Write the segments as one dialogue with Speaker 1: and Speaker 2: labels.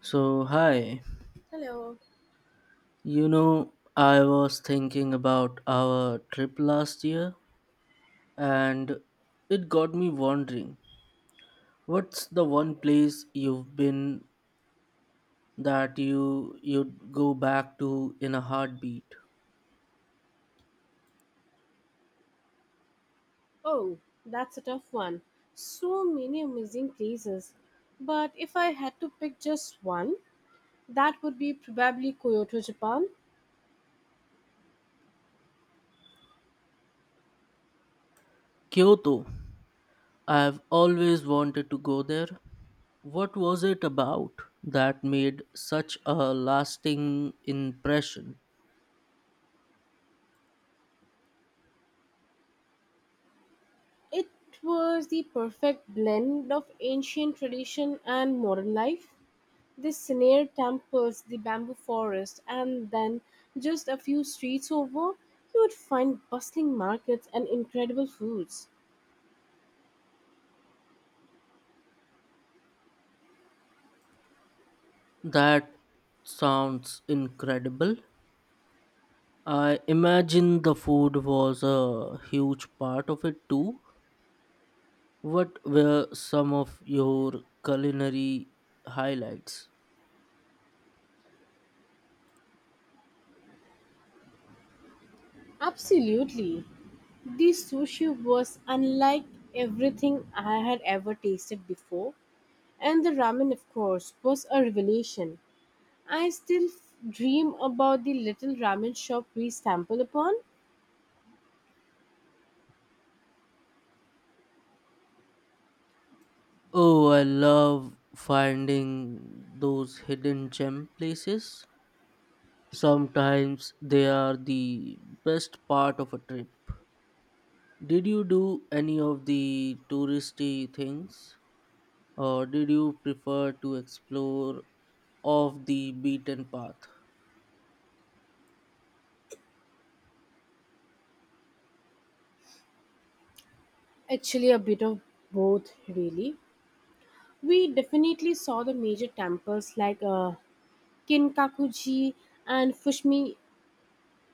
Speaker 1: So, hi.
Speaker 2: Hello.
Speaker 1: I was thinking about our trip last year and it got me wondering, what's the one place you've been that you'd go back to in a heartbeat?
Speaker 2: Oh, that's a tough one. So many amazing places. But if I had to pick just one, that would be probably Kyoto, Japan.
Speaker 1: Kyoto. I've always wanted to go there. What was it about that made such a lasting impression?
Speaker 2: It was the perfect blend of ancient tradition and modern life. The Sineir temples, the bamboo forest, and then just a few streets over, you would find bustling markets and incredible foods.
Speaker 1: That sounds incredible. I imagine the food was a huge part of it too. What were some of your culinary highlights?
Speaker 2: Absolutely. The sushi was unlike everything I had ever tasted before, and the ramen, of course, was a revelation. I still dream about the little ramen shop we stumbled upon.
Speaker 1: Oh, I love finding those hidden gem places. Sometimes they are the best part of a trip. Did you do any of the touristy things or did you prefer to explore off the beaten path?
Speaker 2: Actually, a bit of both, really. We definitely saw the major temples like Kinkakuji and Fushimi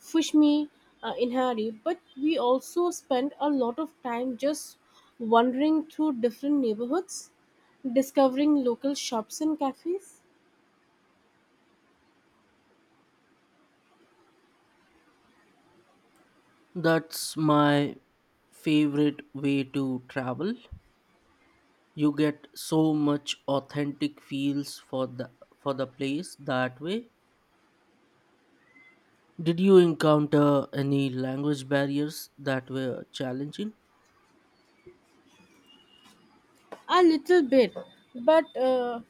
Speaker 2: Fushimi uh, in hurry, but we also spent a lot of time just wandering through different neighborhoods, discovering local shops and cafes.
Speaker 1: That's my favorite way to travel. You get so much authentic feels for the place that way. Did you encounter any language barriers that were challenging?
Speaker 2: A little bit, but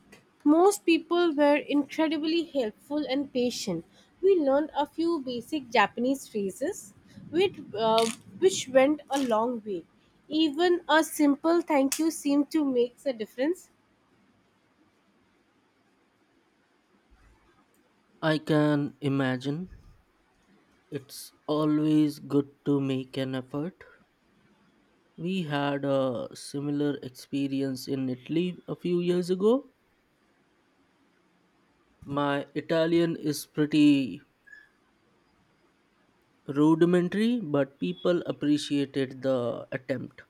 Speaker 2: most people were incredibly helpful and patient. We learned a few basic Japanese phrases, which, uh, which went a long way. Even a simple thank you seemed to make a difference.
Speaker 1: I can imagine. It's always good to make an effort. We had a similar experience in Italy a few years ago. My Italian is pretty rudimentary, but people appreciated the attempt.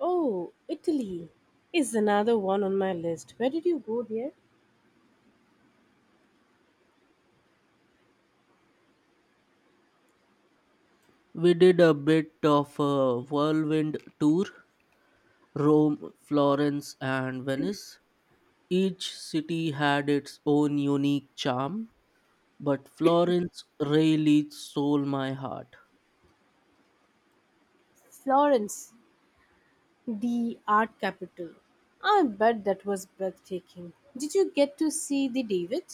Speaker 2: Oh, Italy is another one on my list. Where did you go there?
Speaker 1: We did a bit of a whirlwind tour, Rome, Florence, and Venice. Each city had its own unique charm, but Florence really stole my heart.
Speaker 2: Florence, the art capital. I bet that was breathtaking. Did you get to see the David?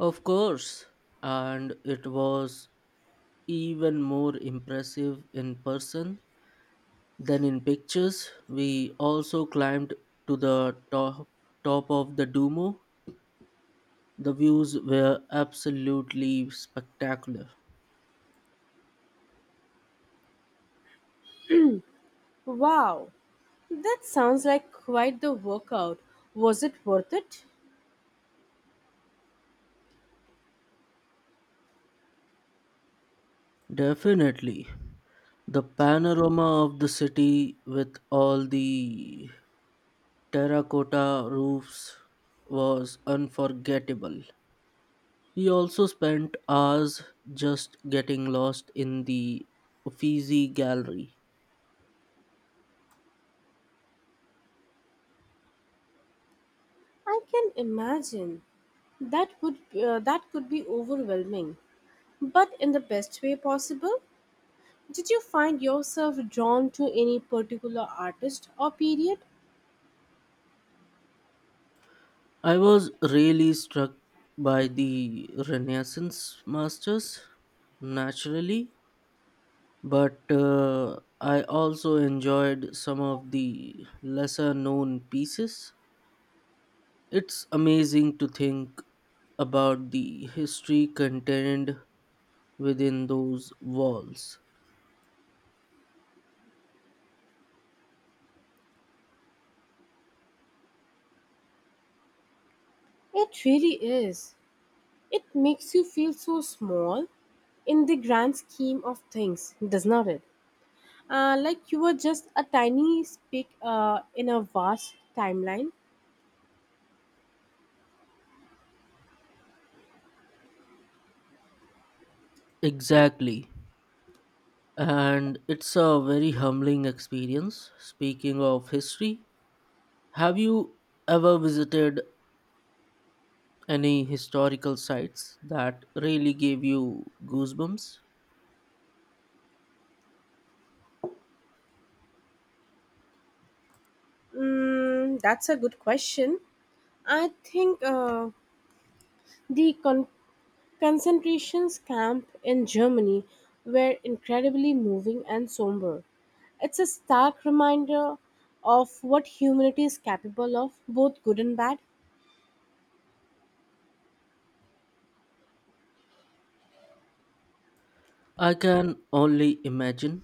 Speaker 1: Of course, and it was even more impressive in person than in pictures. We also climbed to top of the Duomo. The views were absolutely spectacular.
Speaker 2: Wow, that sounds like quite the workout. Was it worth it?
Speaker 1: Definitely. The panorama of the city with all the terracotta roofs was unforgettable. We also spent hours just getting lost in the Uffizi Gallery.
Speaker 2: I can imagine. That would that could be overwhelming, but in the best way possible. Did you find yourself drawn to any particular artist or period?
Speaker 1: I was really struck by the Renaissance masters, naturally, but I also enjoyed some of the lesser known pieces. It's amazing to think about the history contained within those walls.
Speaker 2: It really is. It makes you feel so small in the grand scheme of things, does not it? Like you were just a tiny speck in a vast timeline.
Speaker 1: Exactly. And it's a very humbling experience. Speaking of history, have you ever visited any historical sites that really gave you goosebumps?
Speaker 2: Mm, that's a good question. I think uh, the con- concentration camp in Germany were incredibly moving and somber. It's a stark reminder of what humanity is capable of, both good and bad.
Speaker 1: I can only imagine.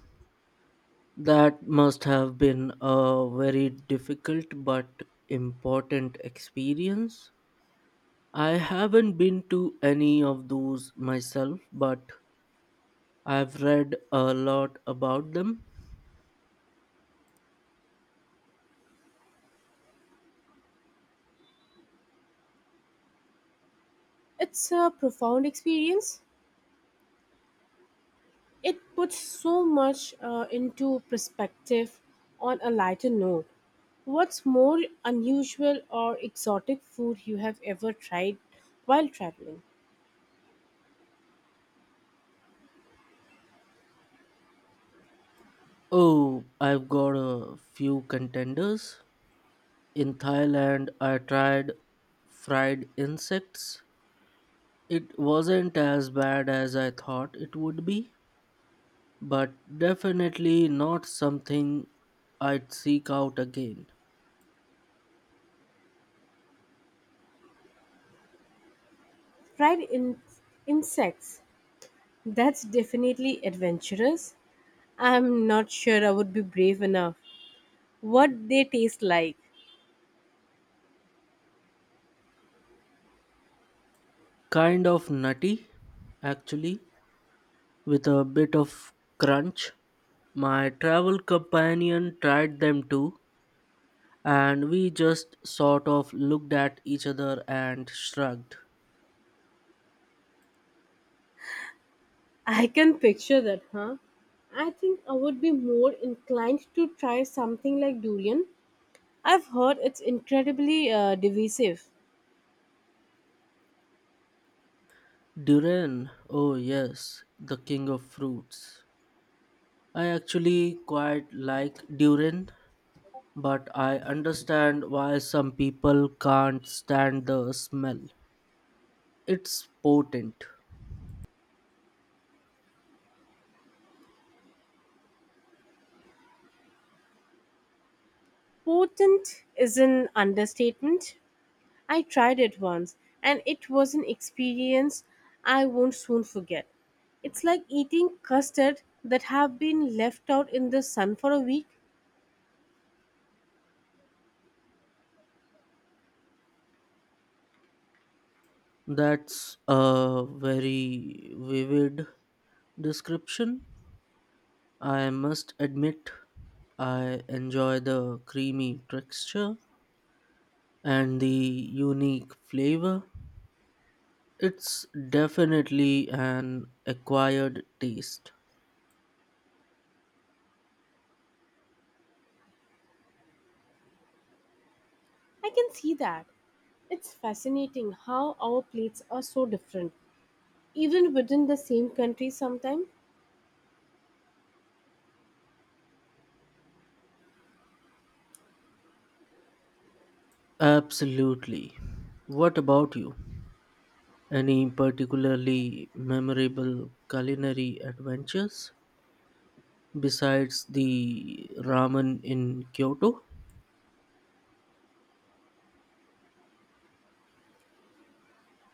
Speaker 1: That must have been a very difficult but important experience. I haven't been to any of those myself, but I've read a lot about them.
Speaker 2: It's a profound experience. It puts so much into perspective on a lighter note. What's more unusual or exotic food you have ever tried while traveling?
Speaker 1: Oh, I've got a few contenders. In Thailand, I tried fried insects. It wasn't as bad as I thought it would be, but definitely not something I'd seek out again.
Speaker 2: Fried insects. That's definitely adventurous. I'm not sure I would be brave enough. What they taste like.
Speaker 1: Kind of nutty, actually, with a bit of crunch. My travel companion tried them too, and we just sort of looked at each other and shrugged.
Speaker 2: I can picture that, huh? I think I would be more inclined to try something like durian. I've heard it's incredibly divisive.
Speaker 1: Durian, oh yes, the king of fruits. I actually quite like durian, but I understand why some people can't stand the smell. It's potent.
Speaker 2: Potent is an understatement. I tried it once and it was an experience I won't soon forget. It's like eating custard that have been left out in the sun for a week.
Speaker 1: That's a very vivid description. I must admit, I enjoy the creamy texture and the unique flavor. It's definitely an acquired taste.
Speaker 2: I can see that. It's fascinating how our plates are so different, even within the same country sometimes.
Speaker 1: Absolutely. What about you? Any particularly memorable culinary adventures besides the ramen in Kyoto?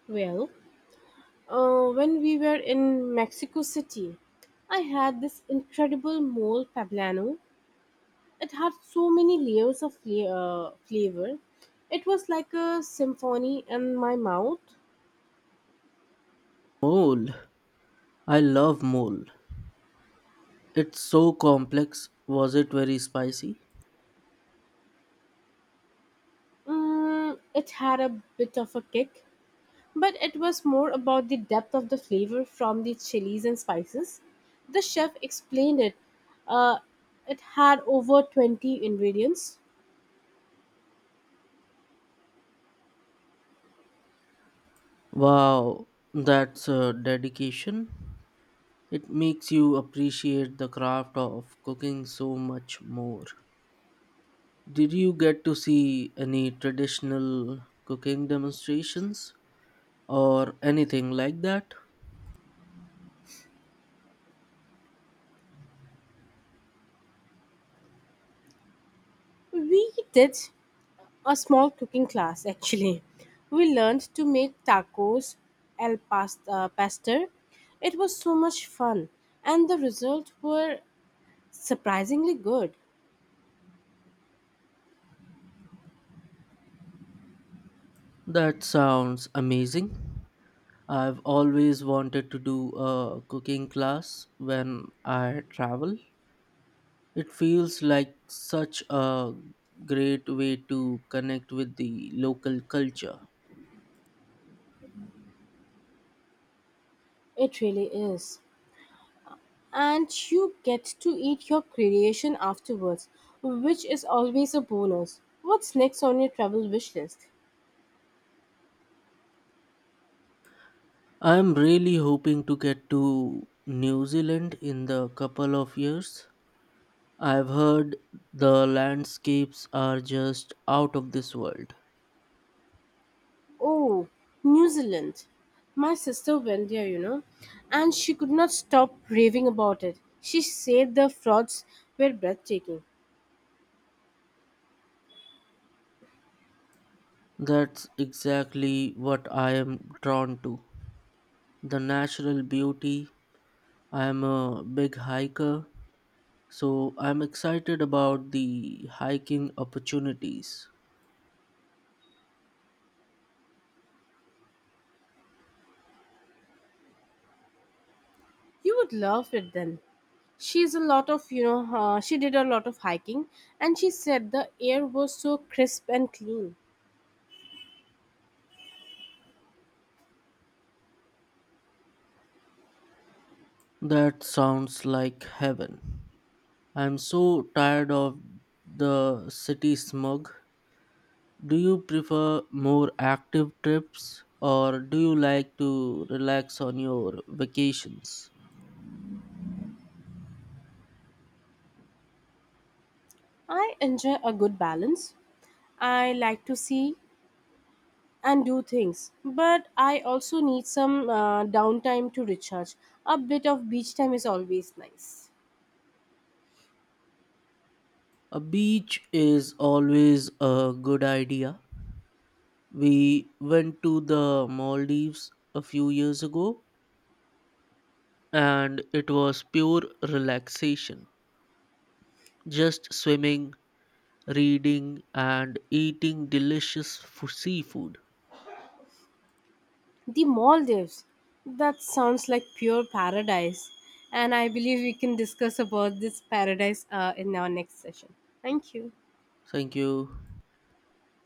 Speaker 2: Well, when we were in Mexico City, I had this incredible mole poblano. It had so many layers of flavor. It was like a symphony in my mouth.
Speaker 1: Mole. I love mole. It's so complex. Was it very spicy?
Speaker 2: Mm, it had a bit of a kick, but it was more about the depth of the flavor from the chilies and spices. The chef explained it. Uh, it had over 20 ingredients.
Speaker 1: Wow, that's a dedication. It makes you appreciate the craft of cooking so much more. Did you get to see any traditional cooking demonstrations or anything like that?
Speaker 2: We did a small cooking class actually. We learned to make tacos al pasta pastor. It was so much fun and the results were surprisingly good.
Speaker 1: That sounds amazing. I've always wanted to do a cooking class when I travel. It feels like such a great way to connect with the local culture.
Speaker 2: It really is. And you get to eat your creation afterwards, which is always a bonus. What's next on your travel wish list?
Speaker 1: I'm really hoping to get to New Zealand in the couple of years. I've heard the landscapes are just out of this world.
Speaker 2: Oh, New Zealand. My sister went there, you know, and she could not stop raving about it. She said the frauds were breathtaking.
Speaker 1: That's exactly what I am drawn to. The natural beauty. I'm a big hiker, so I'm excited about the hiking opportunities.
Speaker 2: You would love it then. She did a lot of hiking and she said the air was so crisp and clean.
Speaker 1: That sounds like heaven. I'm so tired of the city smog. Do you prefer more active trips or do you like to relax on your vacations?
Speaker 2: I enjoy a good balance. I like to see and do things, but I also need some downtime to recharge. A bit of beach time is always nice.
Speaker 1: A beach is always a good idea. We went to the Maldives a few years ago and it was pure relaxation. Just swimming, reading, and eating seafood.
Speaker 2: The Maldives. That sounds like pure paradise. And I believe we can discuss about this paradise in our next session. Thank you.
Speaker 1: Thank you.